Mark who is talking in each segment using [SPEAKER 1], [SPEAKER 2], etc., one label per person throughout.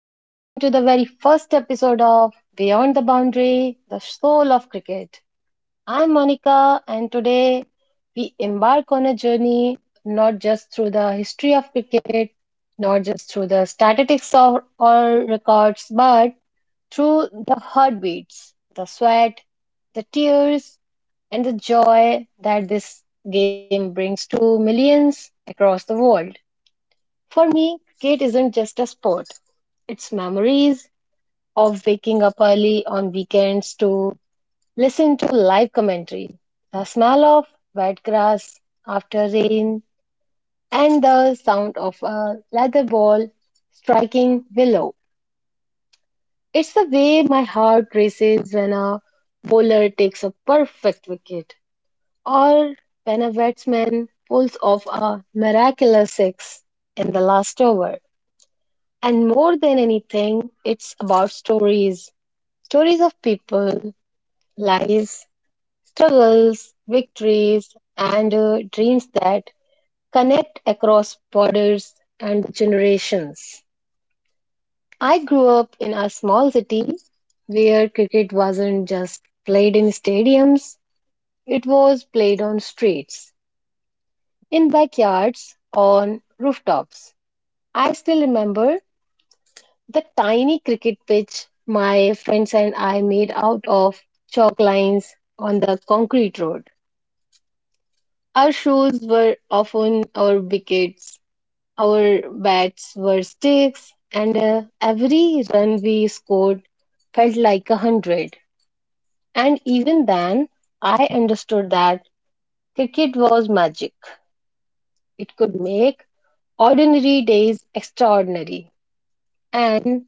[SPEAKER 1] and welcome to the very first episode of Beyond the Boundary, the Soul of Cricket. I'm Monica, and today we embark on a journey not just through the history of cricket, not just through the statistics or records, but through the heartbeats, the sweat, the tears, and the joy that this game brings to millions across the world. For me, Kate isn't just a sport. It's memories of waking up early on weekends to listen to live commentary, the smell of wet grass after rain, and the sound of a leather ball striking willow. It's the way my heart races when a bowler takes a perfect wicket or when a batsman pulls off a miraculous six in the last over. And more than anything, it's about stories stories of people, lives, struggles, victories, and dreams that connect across borders and generations. I grew up in a small city where cricket wasn't just played in stadiums, it was played on streets, in backyards, on rooftops. I still remember the tiny cricket pitch my friends and I made out of chalk lines on the concrete road. Our shoes were often our wickets, our bats were sticks, and every run we scored felt like a hundred. And even then, I understood that cricket was magic. It could make ordinary days extraordinary. And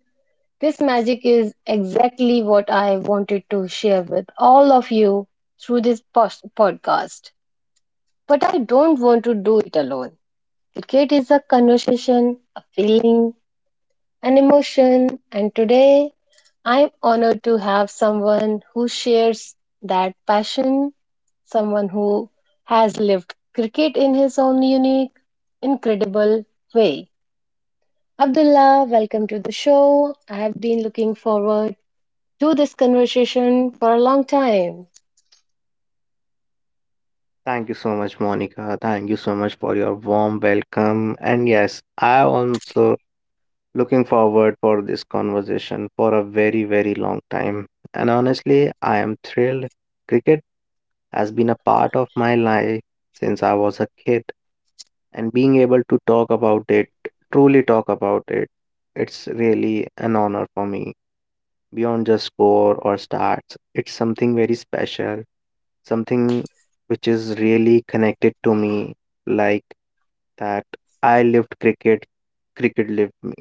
[SPEAKER 1] this magic is exactly what I wanted to share with all of you through this podcast. But I don't want to do it alone. Cricket is a conversation, a feeling, an emotion, and today I'm honored to have someone who shares that passion, someone who has lived cricket in his own unique, incredible way. Abdullah, welcome to the show. I have been looking forward do this conversation for a long time.
[SPEAKER 2] Thank you so much, Monica. Thank you so much for your warm welcome. And yes, I am also looking forward for this conversation for a very, very long time. And honestly, I am thrilled. Cricket has been a part of my life since I was a kid, and being able to talk about it, truly talk about it, it's really an honor for me beyond just score or stats. It's something very special, something which is really connected to me, like that I lived cricket, cricket lived me.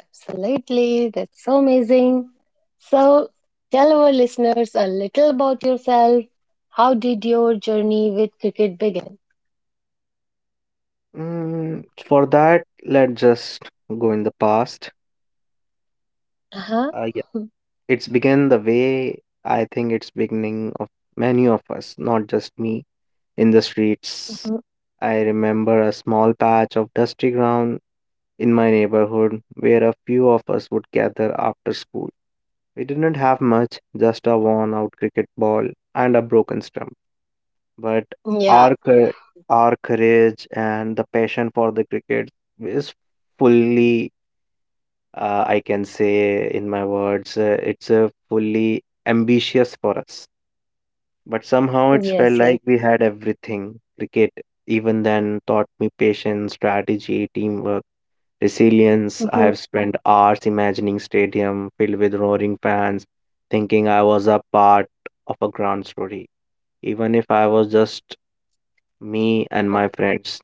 [SPEAKER 1] Absolutely, that's so amazing. So, tell our listeners a little about yourself. How did your journey with cricket begin?
[SPEAKER 2] For that, let's just go in the past.
[SPEAKER 1] Uh huh.
[SPEAKER 2] Uh, yeah,
[SPEAKER 1] Mhm.
[SPEAKER 2] it's began the way I think it's beginning of many of us, not just me, in the streets. I remember a small patch of dusty ground in my neighborhood where a few of us would gather after school. We didn't have much, just a worn out cricket ball and a broken stump. But
[SPEAKER 1] Yeah,
[SPEAKER 2] our, cour- our courage and the passion for the cricket is fully, I can say in my words, it's fully ambitious for us. But somehow it felt
[SPEAKER 1] yes, yes.
[SPEAKER 2] like we had everything. Cricket, even then, taught me patience, strategy, teamwork, resilience. I
[SPEAKER 1] Mhm,
[SPEAKER 2] have spent hours imagining stadium filled with roaring fans, thinking I was a part of a grand story, even if I was just me and my friends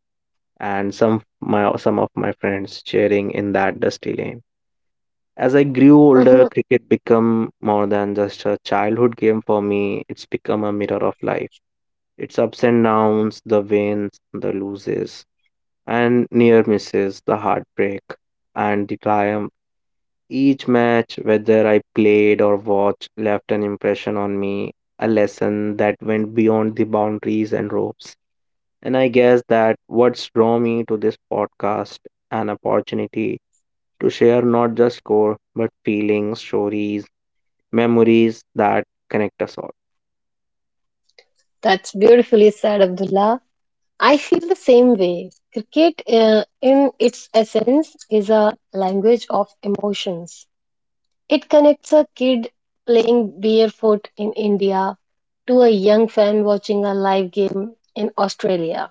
[SPEAKER 2] and some of my friends cheering in that dusty lane. As I grew older,
[SPEAKER 1] mhm.
[SPEAKER 2] cricket became more than just a childhood game for me. It's become a mirror of life. Its ups and downs, the wins, the losses, and near misses, the heartbreak, and the triumph. Each match, whether I played or watched, left an impression on me, a lesson that went beyond the boundaries and ropes. And I guess that what's drawn me to this podcast, an opportunity to share not just score, but feelings, stories, memories that connect us all.
[SPEAKER 1] That's beautifully said, Abdullah. I feel the same way. Cricket, in its essence, is a language of emotions. It connects a kid playing barefoot in India to a young fan watching a live game in Australia.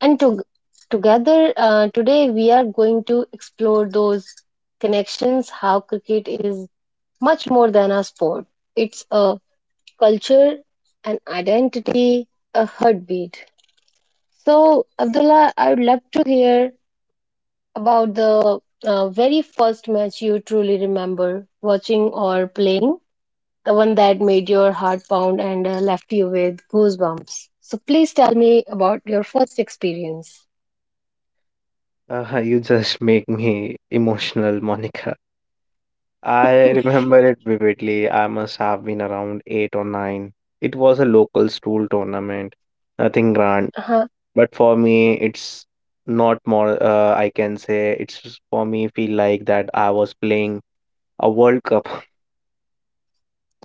[SPEAKER 1] And to, together, today we are going to explore those connections, how cricket is much more than a sport. It's a culture, an identity, a heartbeat. So, Abdullah, I would love to hear about the very first match you truly remember watching or playing, the one that made your heart pound and left you with goosebumps. So please tell me about your first experience.
[SPEAKER 2] You just make me emotional, Monica. I remember it vividly. I must have been around eight or nine. It was a local school tournament, nothing grand.
[SPEAKER 1] Uh-huh.
[SPEAKER 2] But for me, it's not more, I can say, it's for me feel like that I was playing a World Cup,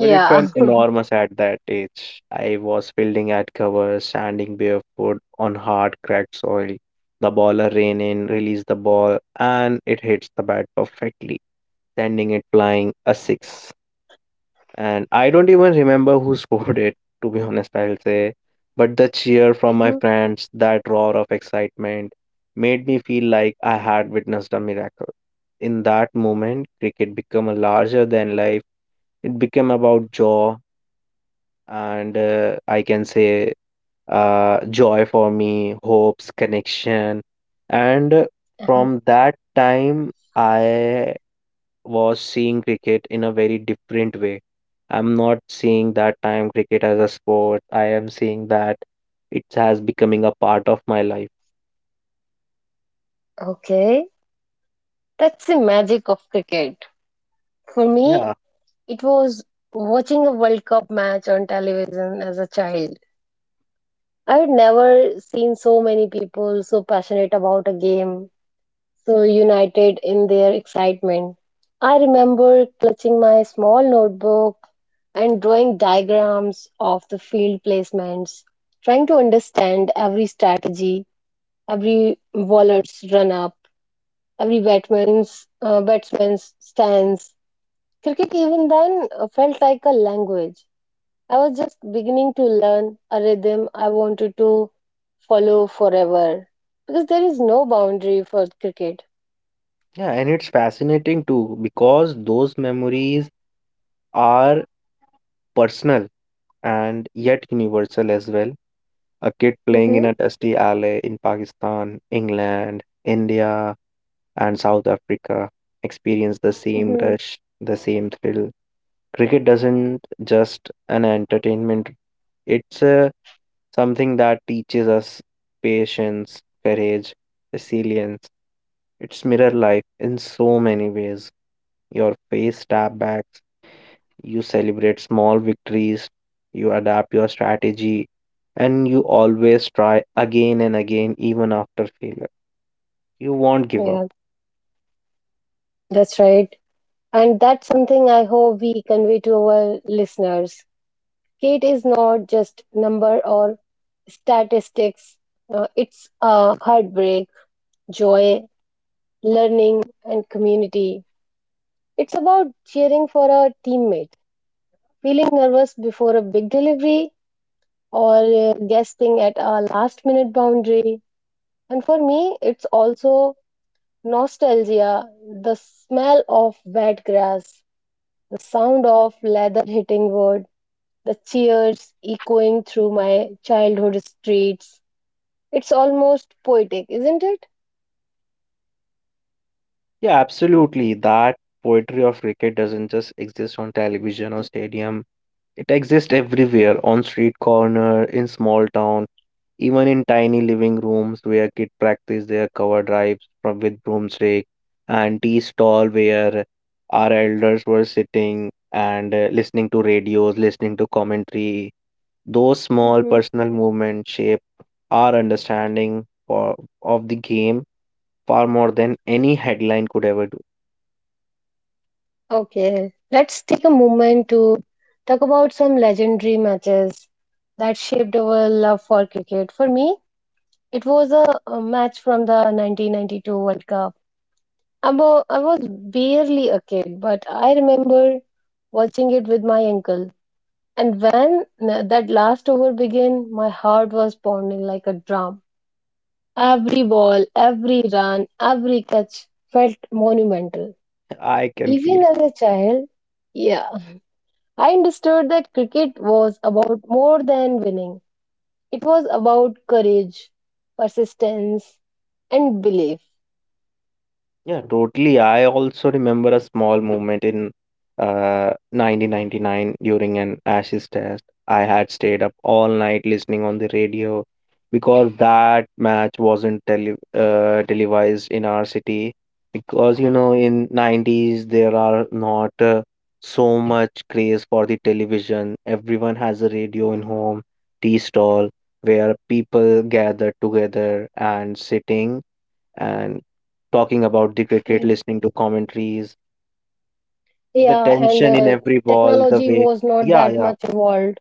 [SPEAKER 2] but it felt enormous at that age. I was fielding at cover, standing barefoot on hard, cracked soil. The baller ran in, released the ball, and it hits the bat perfectly, sending it flying a six. And I don't even remember who scored it, to be honest, I'll say. But the cheer from my
[SPEAKER 1] Mhm.
[SPEAKER 2] friends, that roar of excitement, made me feel like I had witnessed a miracle. In that moment, cricket became a larger than life. It became about joy, and I can say joy for me, hopes, connection. And
[SPEAKER 1] Uh-huh.
[SPEAKER 2] From that time, I was seeing cricket in a very different way. I'm not seeing that time cricket as a sport. I am seeing that it has becoming a part of my life.
[SPEAKER 1] Okay. That's the magic of cricket. For me,
[SPEAKER 2] Yeah,
[SPEAKER 1] it was watching a World Cup match on television as a child. I had never seen so many people so passionate about a game so united in their excitement. I remember clutching my small notebook and drawing diagrams of the field placements, trying to understand every strategy, every bowler's run up, every batsman's stance. Cricket even then felt like a language. I was just beginning to learn a rhythm I wanted to follow forever because there is no boundary for cricket.
[SPEAKER 2] yeah, and it's fascinating too because those memories are personal and yet universal as well. A kid playing in
[SPEAKER 1] Hmm.
[SPEAKER 2] a dusty alley in Pakistan, England, India, and South Africa experience the same rush, the same thrill. Cricket doesn't just an entertainment, it's something that teaches us patience, courage, resilience. It's mirror life in so many ways. Your face tap back, you celebrate small victories, you adapt your strategy, and you always try again and again, even after failure. You won't give up.
[SPEAKER 1] Yeah, that's right. And that's something I hope we convey to our listeners. Kate is not just number or statistics. It's a heartbreak, joy, learning, and community. It's about cheering for our teammate, feeling nervous before a big delivery, or gasping at a last minute boundary. And for me, it's also nostalgia, the smell of wet grass, the sound of leather hitting wood, the cheers echoing through my childhood streets. It's almost poetic, isn't it?
[SPEAKER 2] Yeah, absolutely. That poetry of cricket doesn't just exist on television or stadium. It exists everywhere, on street corner, in small town, even in tiny living rooms where kids practice their cover drives from with broomstick and tea stall where our elders were sitting and listening to radios, listening to commentary. Those small
[SPEAKER 1] Hmm.
[SPEAKER 2] personal movements shape our understanding for, of the game far more than any headline could ever do.
[SPEAKER 1] Okay, let's take a moment to talk about some legendary matches that shaped our love for cricket. For me, it was a match from the 1992 World Cup. I was barely a kid, but I remember watching it with my uncle. And when that last over began, my heart was pounding like a drum. Every ball, every run, every catch felt monumental.
[SPEAKER 2] I can feel
[SPEAKER 1] Even
[SPEAKER 2] it.
[SPEAKER 1] as a child, yeah, I understood that cricket was about more than winning. It was about courage, persistence, and belief.
[SPEAKER 2] Yeah, totally. I also remember a small moment in 1999 during an ashes test. I had stayed up all night listening on the radio because that match wasn't televised in our city. Because you know, in '90s there are not so much craze for the television. Everyone has a radio in home, tea stall, where people gather together and sitting and talking about the cricket,
[SPEAKER 1] Mm.
[SPEAKER 2] listening to commentaries, the
[SPEAKER 1] Yeah, and
[SPEAKER 2] tension in every ball, the
[SPEAKER 1] technology
[SPEAKER 2] way,
[SPEAKER 1] was not
[SPEAKER 2] yeah,
[SPEAKER 1] that
[SPEAKER 2] yeah,
[SPEAKER 1] much evolved.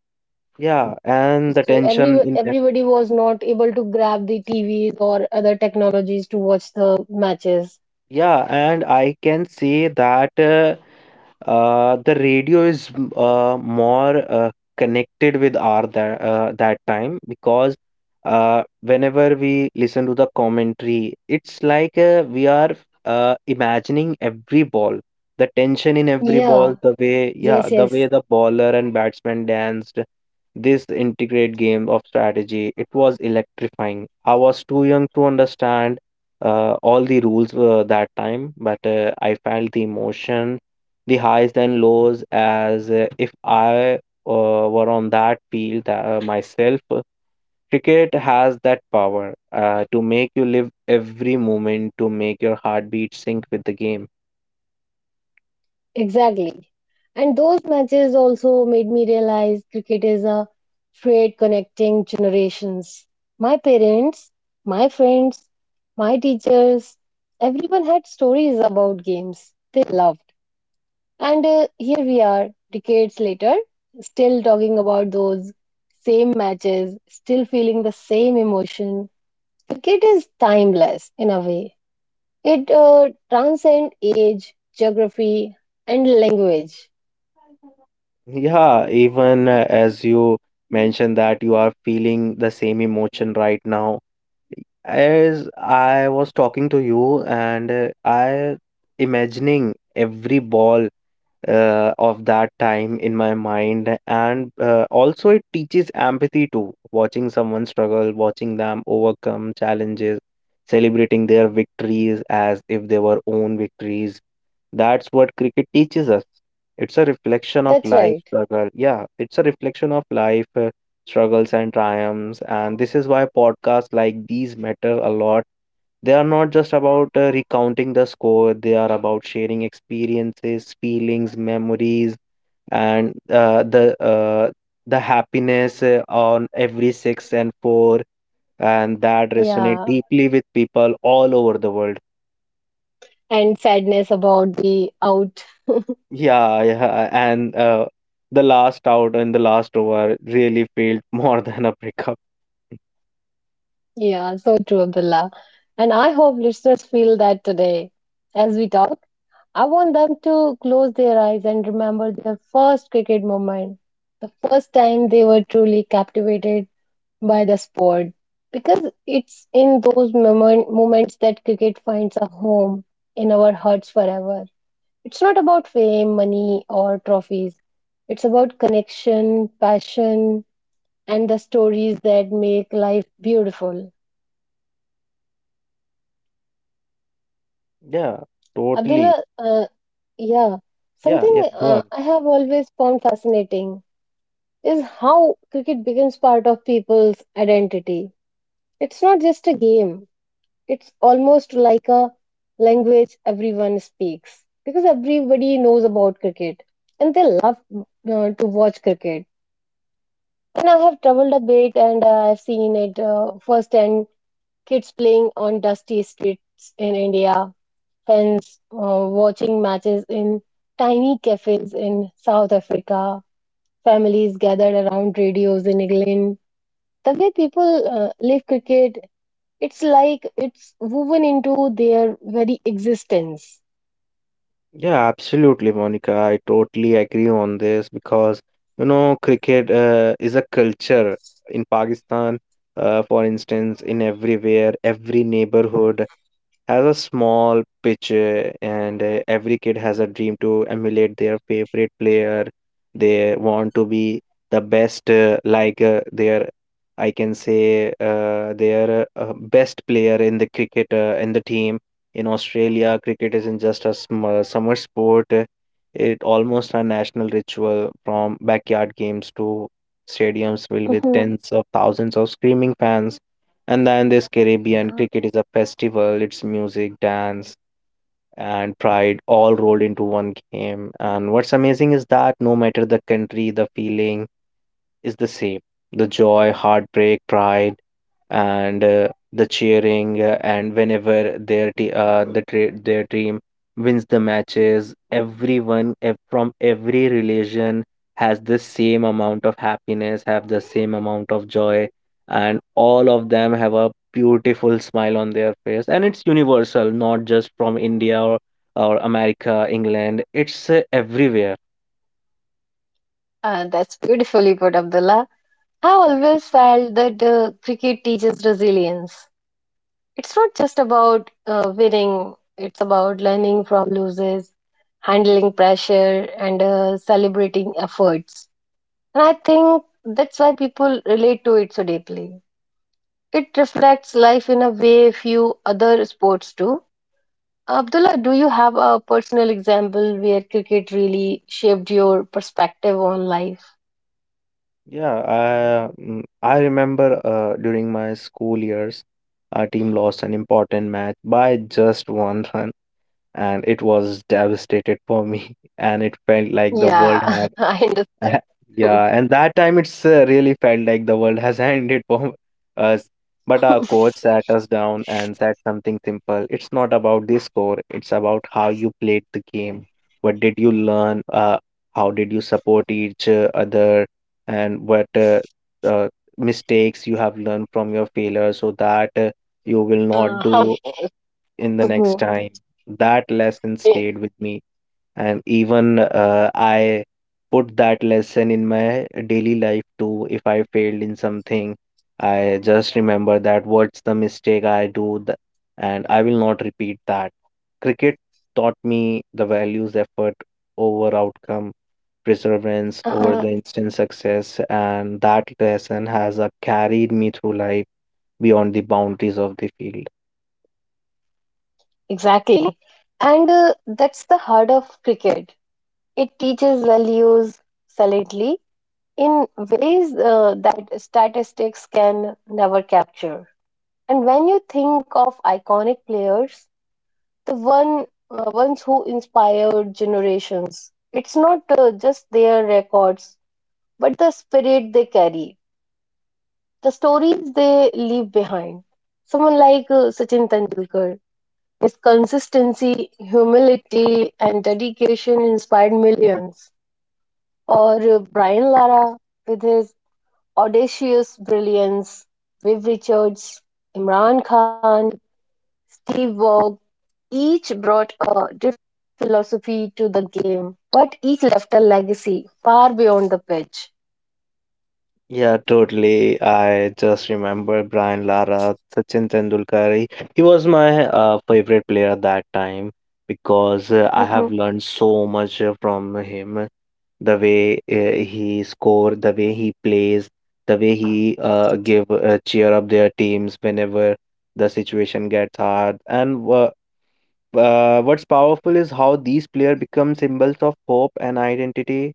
[SPEAKER 2] yeah, and the
[SPEAKER 1] So
[SPEAKER 2] tension in
[SPEAKER 1] everybody was not able to grab the TVs or other technologies to watch the matches.
[SPEAKER 2] Yeah, and I can say that the radio is more connected with our that time because whenever we listen to the commentary, it's like we are imagining every ball, the tension in every ball,
[SPEAKER 1] Yeah, yes,
[SPEAKER 2] the way
[SPEAKER 1] yes.
[SPEAKER 2] the bowler and batsman danced. This integrate game of strategy, it was electrifying. I was too young to understand all the rules were that time, but I felt the emotion, the highs and lows, as if I were on that field myself. Cricket has that power to make you live every moment, to make your heartbeat sync with the game.
[SPEAKER 1] Exactly. And those matches also made me realize cricket is a thread connecting generations. My parents, my friends, my teachers, everyone had stories about games they loved. And here we are, decades later, still talking about those same matches, still feeling the same emotion. Cricket is timeless in a way, it transcends age, geography, and language.
[SPEAKER 2] Yeah, even as you mentioned that you are feeling the same emotion right now. As I was talking to you, and I imagining every ball of that time in my mind, and also it teaches empathy too, watching someone struggle, watching them overcome challenges, celebrating their victories as if they were own victories. That's what cricket teaches us. It's a reflection of
[SPEAKER 1] That's
[SPEAKER 2] life
[SPEAKER 1] right.
[SPEAKER 2] struggle, yeah, it's a reflection of life, struggles and triumphs. And this is why podcasts like these matter a lot. They are not just about recounting the score, they are about sharing experiences, feelings, memories, and the happiness on every six and four, and that resonate
[SPEAKER 1] Yeah.
[SPEAKER 2] deeply with people all over the world.
[SPEAKER 1] And sadness about the out.
[SPEAKER 2] Yeah, yeah, and the last out and the last over really failed more than a breakup.
[SPEAKER 1] Yeah, so true, Abdullah. And I hope listeners feel that today as we talk. I want them to close their eyes and remember their first cricket moment, the first time they were truly captivated by the sport. Because it's in those moments that cricket finds a home in our hearts forever. It's not about fame, money, or trophies. It's about connection, passion, and the stories that make life beautiful.
[SPEAKER 2] Yeah, totally.
[SPEAKER 1] Abdullah, yeah,
[SPEAKER 2] Yeah, yeah,
[SPEAKER 1] something
[SPEAKER 2] go
[SPEAKER 1] uh,
[SPEAKER 2] on.
[SPEAKER 1] I have always found fascinating is how cricket becomes part of people's identity. It's not just a game, it's almost like a language everyone speaks because everybody knows about cricket and they love to watch cricket. And I have traveled a bit and I've seen it firsthand, kids playing on dusty streets in India, fans watching matches in tiny cafes in South Africa, families gathered around radios in England. The way people live cricket, it's like it's woven into their very existence.
[SPEAKER 2] Yeah, absolutely, Monica. I totally agree on this because you know cricket is a culture in Pakistan. For instance, in everywhere, every neighborhood has a small pitch, and every kid has a dream to emulate their favorite player. They want to be the best, like I can say, their best player in the cricket, in the team. In Australia, cricket isn't just a summer sport; it almost a national ritual. From backyard games to stadiums filled with
[SPEAKER 1] Mhm.
[SPEAKER 2] tens of thousands of screaming fans, and then this Caribbean
[SPEAKER 1] Uh,
[SPEAKER 2] cricket is a festival, it's music, dance, and pride all rolled into one game. And what's amazing is that no matter the country, the feeling is the same. The joy, heartbreak, pride, and the cheering, and whenever their team wins the matches, everyone from every religion has the same amount of happiness, have the same amount of joy, and all of them have a beautiful smile on their face. And it's universal, not just from india or america, england, it's everywhere.
[SPEAKER 1] that's beautifully put, Abdullah. I always felt that cricket teaches resilience. It's not just about winning, it's about learning from losses, handling pressure, and celebrating efforts. And I think that's why people relate to it so deeply. It reflects life in a way few other sports do. Abdullah, do you have a personal example where cricket really shaped your perspective on life?
[SPEAKER 2] I remember during my school years, our team lost an important match by just one run, and it was devastated for me, and it felt like the
[SPEAKER 1] Yeah,
[SPEAKER 2] world had
[SPEAKER 1] I
[SPEAKER 2] Ha-
[SPEAKER 1] understand.
[SPEAKER 2] Yeah, and that time it's really felt like the world has ended for us. But our coach sat us down and said something simple. It's not about the score, it's about how you played the game. What did you learn? How did you support each other? And what uh, mistakes you have learned from your failure so that you will not
[SPEAKER 1] How?
[SPEAKER 2] do in the next time. That lesson stayed with me, and even I put that lesson in my daily life too. If I failed in something, I just remember that what's the mistake I do, and I will not repeat that. Cricket taught me the values effort over outcome, perseverance over
[SPEAKER 1] Mhm.
[SPEAKER 2] the instant success, and that lesson has carried me through life beyond the boundaries of the field.
[SPEAKER 1] Exactly. And that's the heart of cricket. It teaches values solidly in ways that statistics can never capture. And when you think of iconic players, the ones who inspired generations, it's not just their records, but the spirit they carry, the stories they leave behind. Someone like Sachin Tendulkar, his consistency, humility, and dedication inspired millions. Or Brian Lara with his audacious brilliance, Viv Richards, Imran Khan, Steve Waugh, each brought a different philosophy to the game, but each left a legacy far beyond the pitch.
[SPEAKER 2] Yeah, totally. I just remember Brian Lara, Sachin Tendulkar. He was my favorite player at that time because I have
[SPEAKER 1] Mhm.
[SPEAKER 2] learned so much from him. The way he score, the way he plays, the way he give cheer up their teams whenever the situation gets hard. What's powerful is how these players become symbols of hope and identity.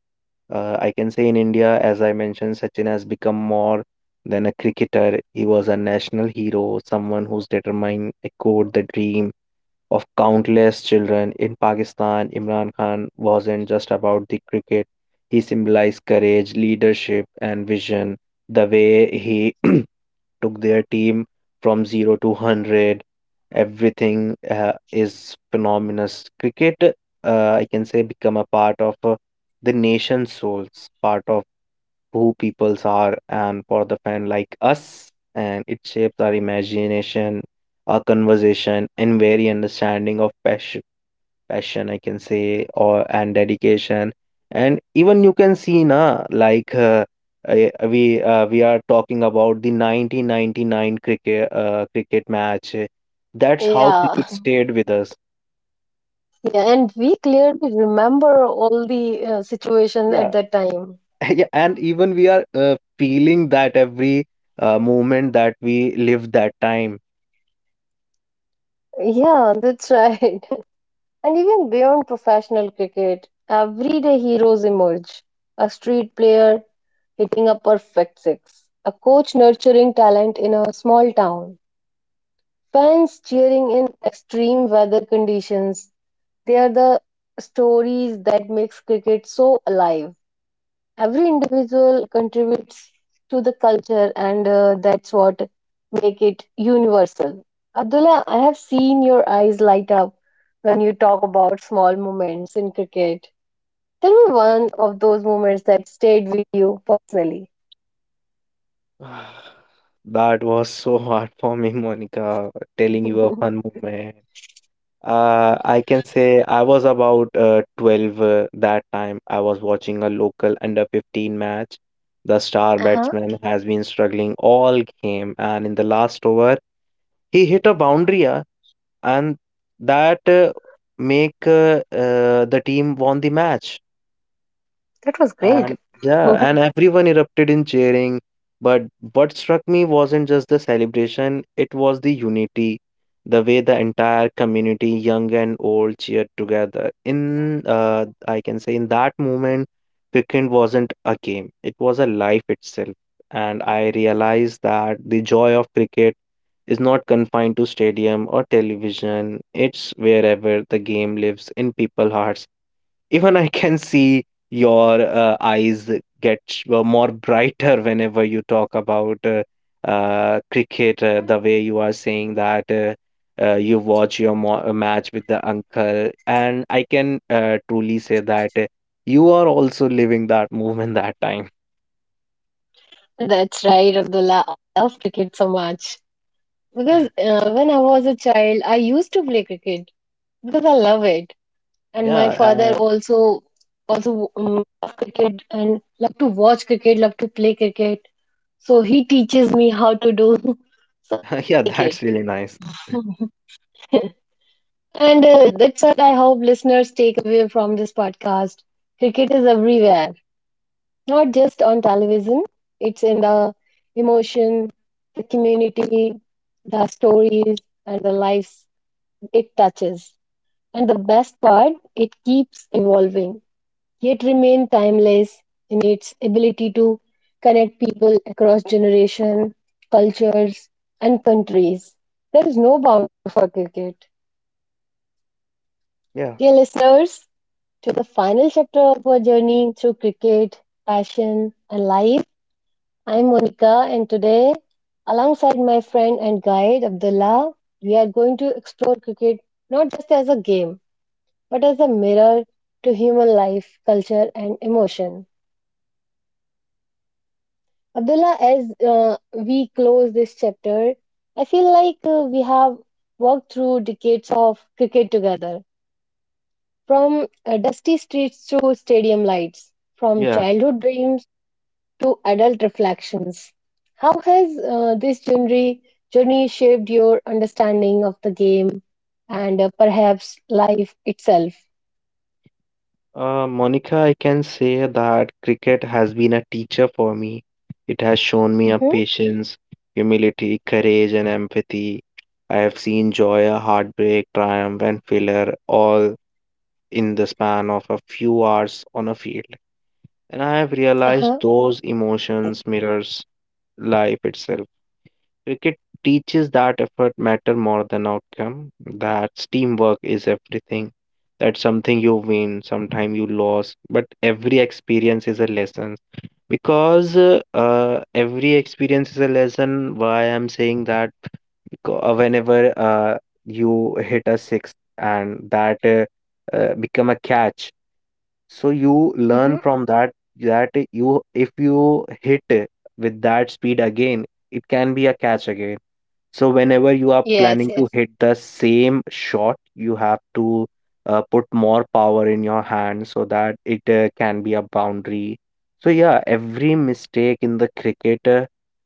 [SPEAKER 2] I can say in India, as I mentioned, Sachin has become more than a cricketer. He was a national hero, someone who's determined, echoed the dream, of countless children. In Pakistan, Imran Khan wasn't just about the cricket, he symbolized courage, leadership, and vision. The way he took their team from 0 to 100 everything is phenomenal cricket, I can say, become a part of the nation's souls, part of who peoples are, and for the fan like us, and it shapes our imagination, our conversation, and very understanding of passion. Passion, I can say, or and dedication. And even you can see na, like we are talking about the 1999 cricket cricket match. That's how
[SPEAKER 1] Yeah,
[SPEAKER 2] cricket stayed with us.
[SPEAKER 1] yeah, and we clearly remember all the situation at
[SPEAKER 2] Yeah.
[SPEAKER 1] that time.
[SPEAKER 2] Yeah, and even we are feeling that every moment that we lived that time.
[SPEAKER 1] Yeah, that's right. And even beyond professional cricket, everyday heroes emerge. A street player hitting a perfect six, a coach nurturing talent in a small town, fans cheering in extreme weather conditions. They are the stories that makes cricket so alive. Every individual contributes to the culture and that's what make it universal. Abdullah, I have seen your eyes light up when you talk about small moments in cricket. Tell me one of those moments that stayed with you personally.
[SPEAKER 2] That was so hard for me, Monica, telling you a fun moment. I can say I was about 12 that time. I was watching a local under 15 match. The star
[SPEAKER 1] Uh-huh.
[SPEAKER 2] batsman has been struggling all game, and in the last over, he hit a boundary, and that make the team won the match.
[SPEAKER 1] That was great.
[SPEAKER 2] And yeah, and everyone erupted in cheering. But what struck me wasn't just the celebration, it was the unity, the way the entire community, young and old, cheered together. In, I can say, in that moment, cricket wasn't a game, it was a life itself. And I realized that the joy of cricket is not confined to stadium or television, it's wherever the game lives in people's hearts. Even I can see your eyes get more brighter whenever you talk about cricket, the way you are saying that you watch your match with the uncle. And I can truly say that you are also living that moment that time.
[SPEAKER 1] That's right, Abdullah. I love cricket so much. Because when I was a child, I used to play cricket because I love it. And my father
[SPEAKER 2] Yeah,
[SPEAKER 1] also love cricket and love to watch cricket, love to play cricket. So he teaches me how to do, so
[SPEAKER 2] yeah,
[SPEAKER 1] like,
[SPEAKER 2] that's really nice.
[SPEAKER 1] and that's what I hope listeners take away from this podcast. Cricket is everywhere, not just on television. It's in the emotion, the community, the stories, and the lives it touches. And the best part, it keeps evolving, yet remain timeless in its ability to connect people across generations, cultures, and countries. There is no bound for cricket.
[SPEAKER 2] Yeah,
[SPEAKER 1] Dear listeners, to the final chapter of our journey through cricket, passion, and life, I'm Monica, and today, alongside my friend and guide Abdullah, we are going to explore cricket not just as a game, but as a mirror to human life, culture, and emotion. Abdullah, as we close this chapter, I feel like we have walked through decades of cricket together, from dusty streets to stadium lights, from
[SPEAKER 2] yeah.
[SPEAKER 1] childhood dreams to adult reflections. How has this journey shaped your understanding of the game and perhaps life itself?
[SPEAKER 2] Monica, I can say that cricket has been a teacher for me. It has shown me a
[SPEAKER 1] Mm-hmm.
[SPEAKER 2] patience, humility, courage, and empathy. I have seen joy, a heartbreak, triumph, and failure all in the span of a few hours on a field. And I have realized
[SPEAKER 1] Uh-huh.
[SPEAKER 2] those emotions mirrors life itself. Cricket teaches that effort matter more than outcome, that teamwork is everything, that something you win, sometime you lose, but every experience is a lesson. Because every experience is a lesson, why I'm saying that, because whenever you hit a sixth and that become a catch, so you learn
[SPEAKER 1] Mm-hmm.
[SPEAKER 2] from that, that you, if you hit with that speed again, it can be a catch again, so whenever you are
[SPEAKER 1] Yes,
[SPEAKER 2] planning to
[SPEAKER 1] yes.
[SPEAKER 2] hit the same shot, you have to put more power in your hand so that it can be a boundary. So yeah, every mistake in the cricket uh,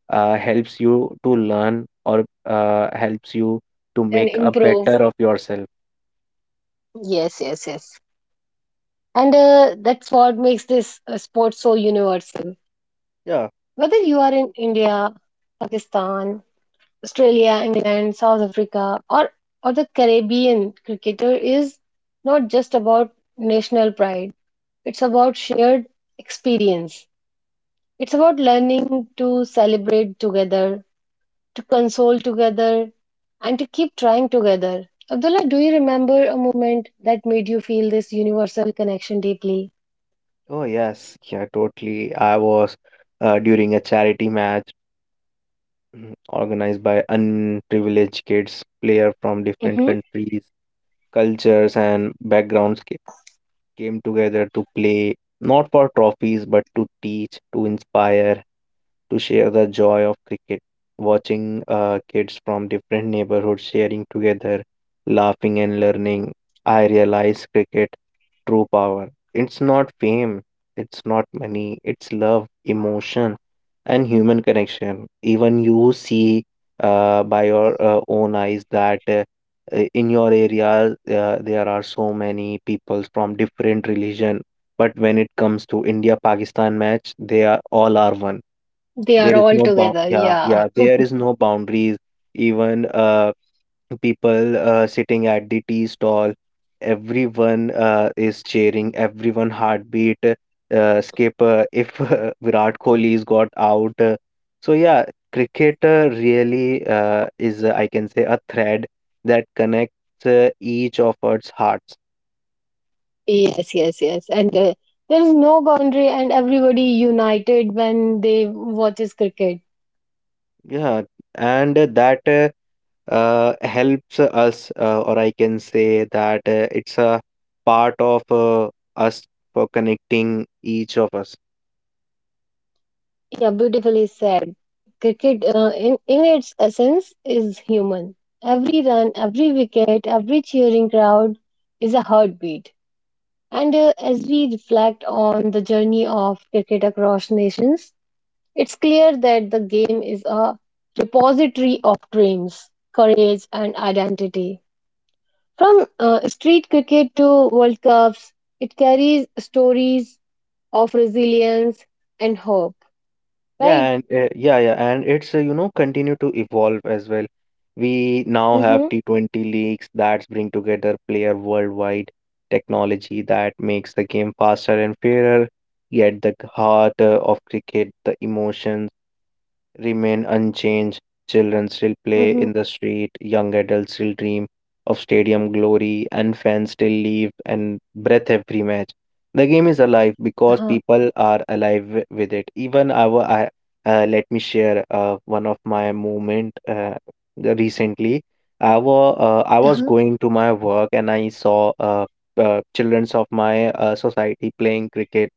[SPEAKER 2] uh, helps you to learn, or helps you to
[SPEAKER 1] And
[SPEAKER 2] make a
[SPEAKER 1] improve.
[SPEAKER 2] better of yourself.
[SPEAKER 1] Yes, yes, yes. And that's what makes this sport so universal.
[SPEAKER 2] Yeah.
[SPEAKER 1] Whether you are in India, Pakistan, Australia, England, South Africa, or the Caribbean, cricketer is not just about national pride, it's about shared experience. It's about learning to celebrate together, to console together, and to keep trying together. Abdullah, do you remember a moment that made you feel this universal connection deeply?
[SPEAKER 2] Oh yes. Yeah. Totally. I was during a charity match, organized by unprivileged kids, player from different countries, cultures and backgrounds came together to play, not for trophies, but to teach, to inspire, to share the joy of cricket. Watching kids from different neighborhoods sharing together, laughing and learning, I realized cricket true power. It's not fame, it's not money, it's love, emotion, and human connection. Even you see by your own eyes that. In your area there are so many people from different religion, but when it comes to india pakistan match, they are all are one.
[SPEAKER 1] They are
[SPEAKER 2] There is
[SPEAKER 1] all
[SPEAKER 2] no bound.
[SPEAKER 1] together.
[SPEAKER 2] Yeah,
[SPEAKER 1] Yeah.
[SPEAKER 2] yeah, there is no boundaries. Even people sitting at the tea stall, everyone is cheering, everyone heartbeat skip if virat kohli is got out, so yeah, cricket really is I can say a thread that connects each of our hearts.
[SPEAKER 1] Yes, yes, yes. And there is no boundary, and everybody united when they watches cricket.
[SPEAKER 2] Yeah, and that helps us, or I can say that it's a part of us, for connecting each of us.
[SPEAKER 1] Yeah, beautifully said. Cricket, in its essence, is human. Every run, every wicket, every cheering crowd is a heartbeat. And as we reflect on the journey of cricket across nations, it's clear that the game is a repository of dreams, courage, and identity. From street cricket to World Cups, it carries stories of resilience and hope,
[SPEAKER 2] Yeah,
[SPEAKER 1] right?
[SPEAKER 2] and and it's continue to evolve as well. We now have
[SPEAKER 1] Mm-hmm.
[SPEAKER 2] T20 leagues that bring together player worldwide, technology that makes the game faster and fairer. Yet the heart of cricket, the emotions remain unchanged. Children still play
[SPEAKER 1] Mm-hmm.
[SPEAKER 2] in the street, young adults still dream of stadium glory, and fans still leave and breath every match. The game is alive because
[SPEAKER 1] Uh-huh.
[SPEAKER 2] people are alive with it. Let me share one of my moment recently. I was
[SPEAKER 1] Uh-huh.
[SPEAKER 2] going to my work and I saw childrens of my society playing cricket,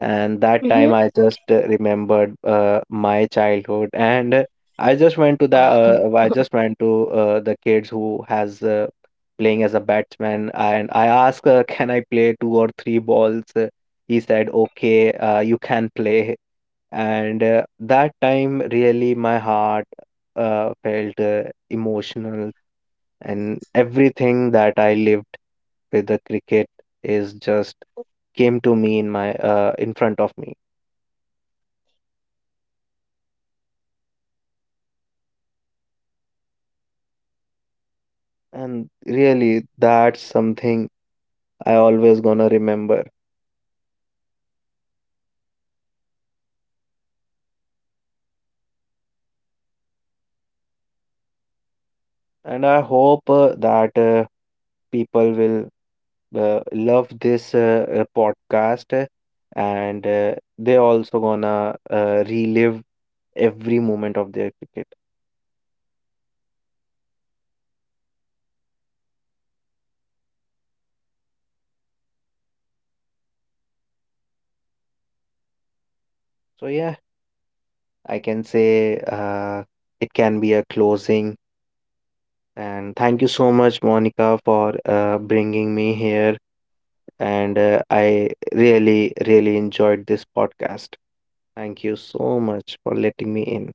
[SPEAKER 2] and that time
[SPEAKER 1] Mm-hmm.
[SPEAKER 2] I just remembered my childhood, and I just went to the kids who has playing as a batsman, and I asked, can I play two or three balls? He said okay, you can play. And that time really my heart felt emotional, and everything that I lived with the cricket is just came to me in my, in front of me, and really that's something I always gonna remember. And I hope that people will love this podcast, and they also gonna relive every moment of their cricket. So yeah, I can say, it can be a closing. And thank you so much, Monica, for bringing me here. And I really, really enjoyed this podcast. Thank you so much for letting me in.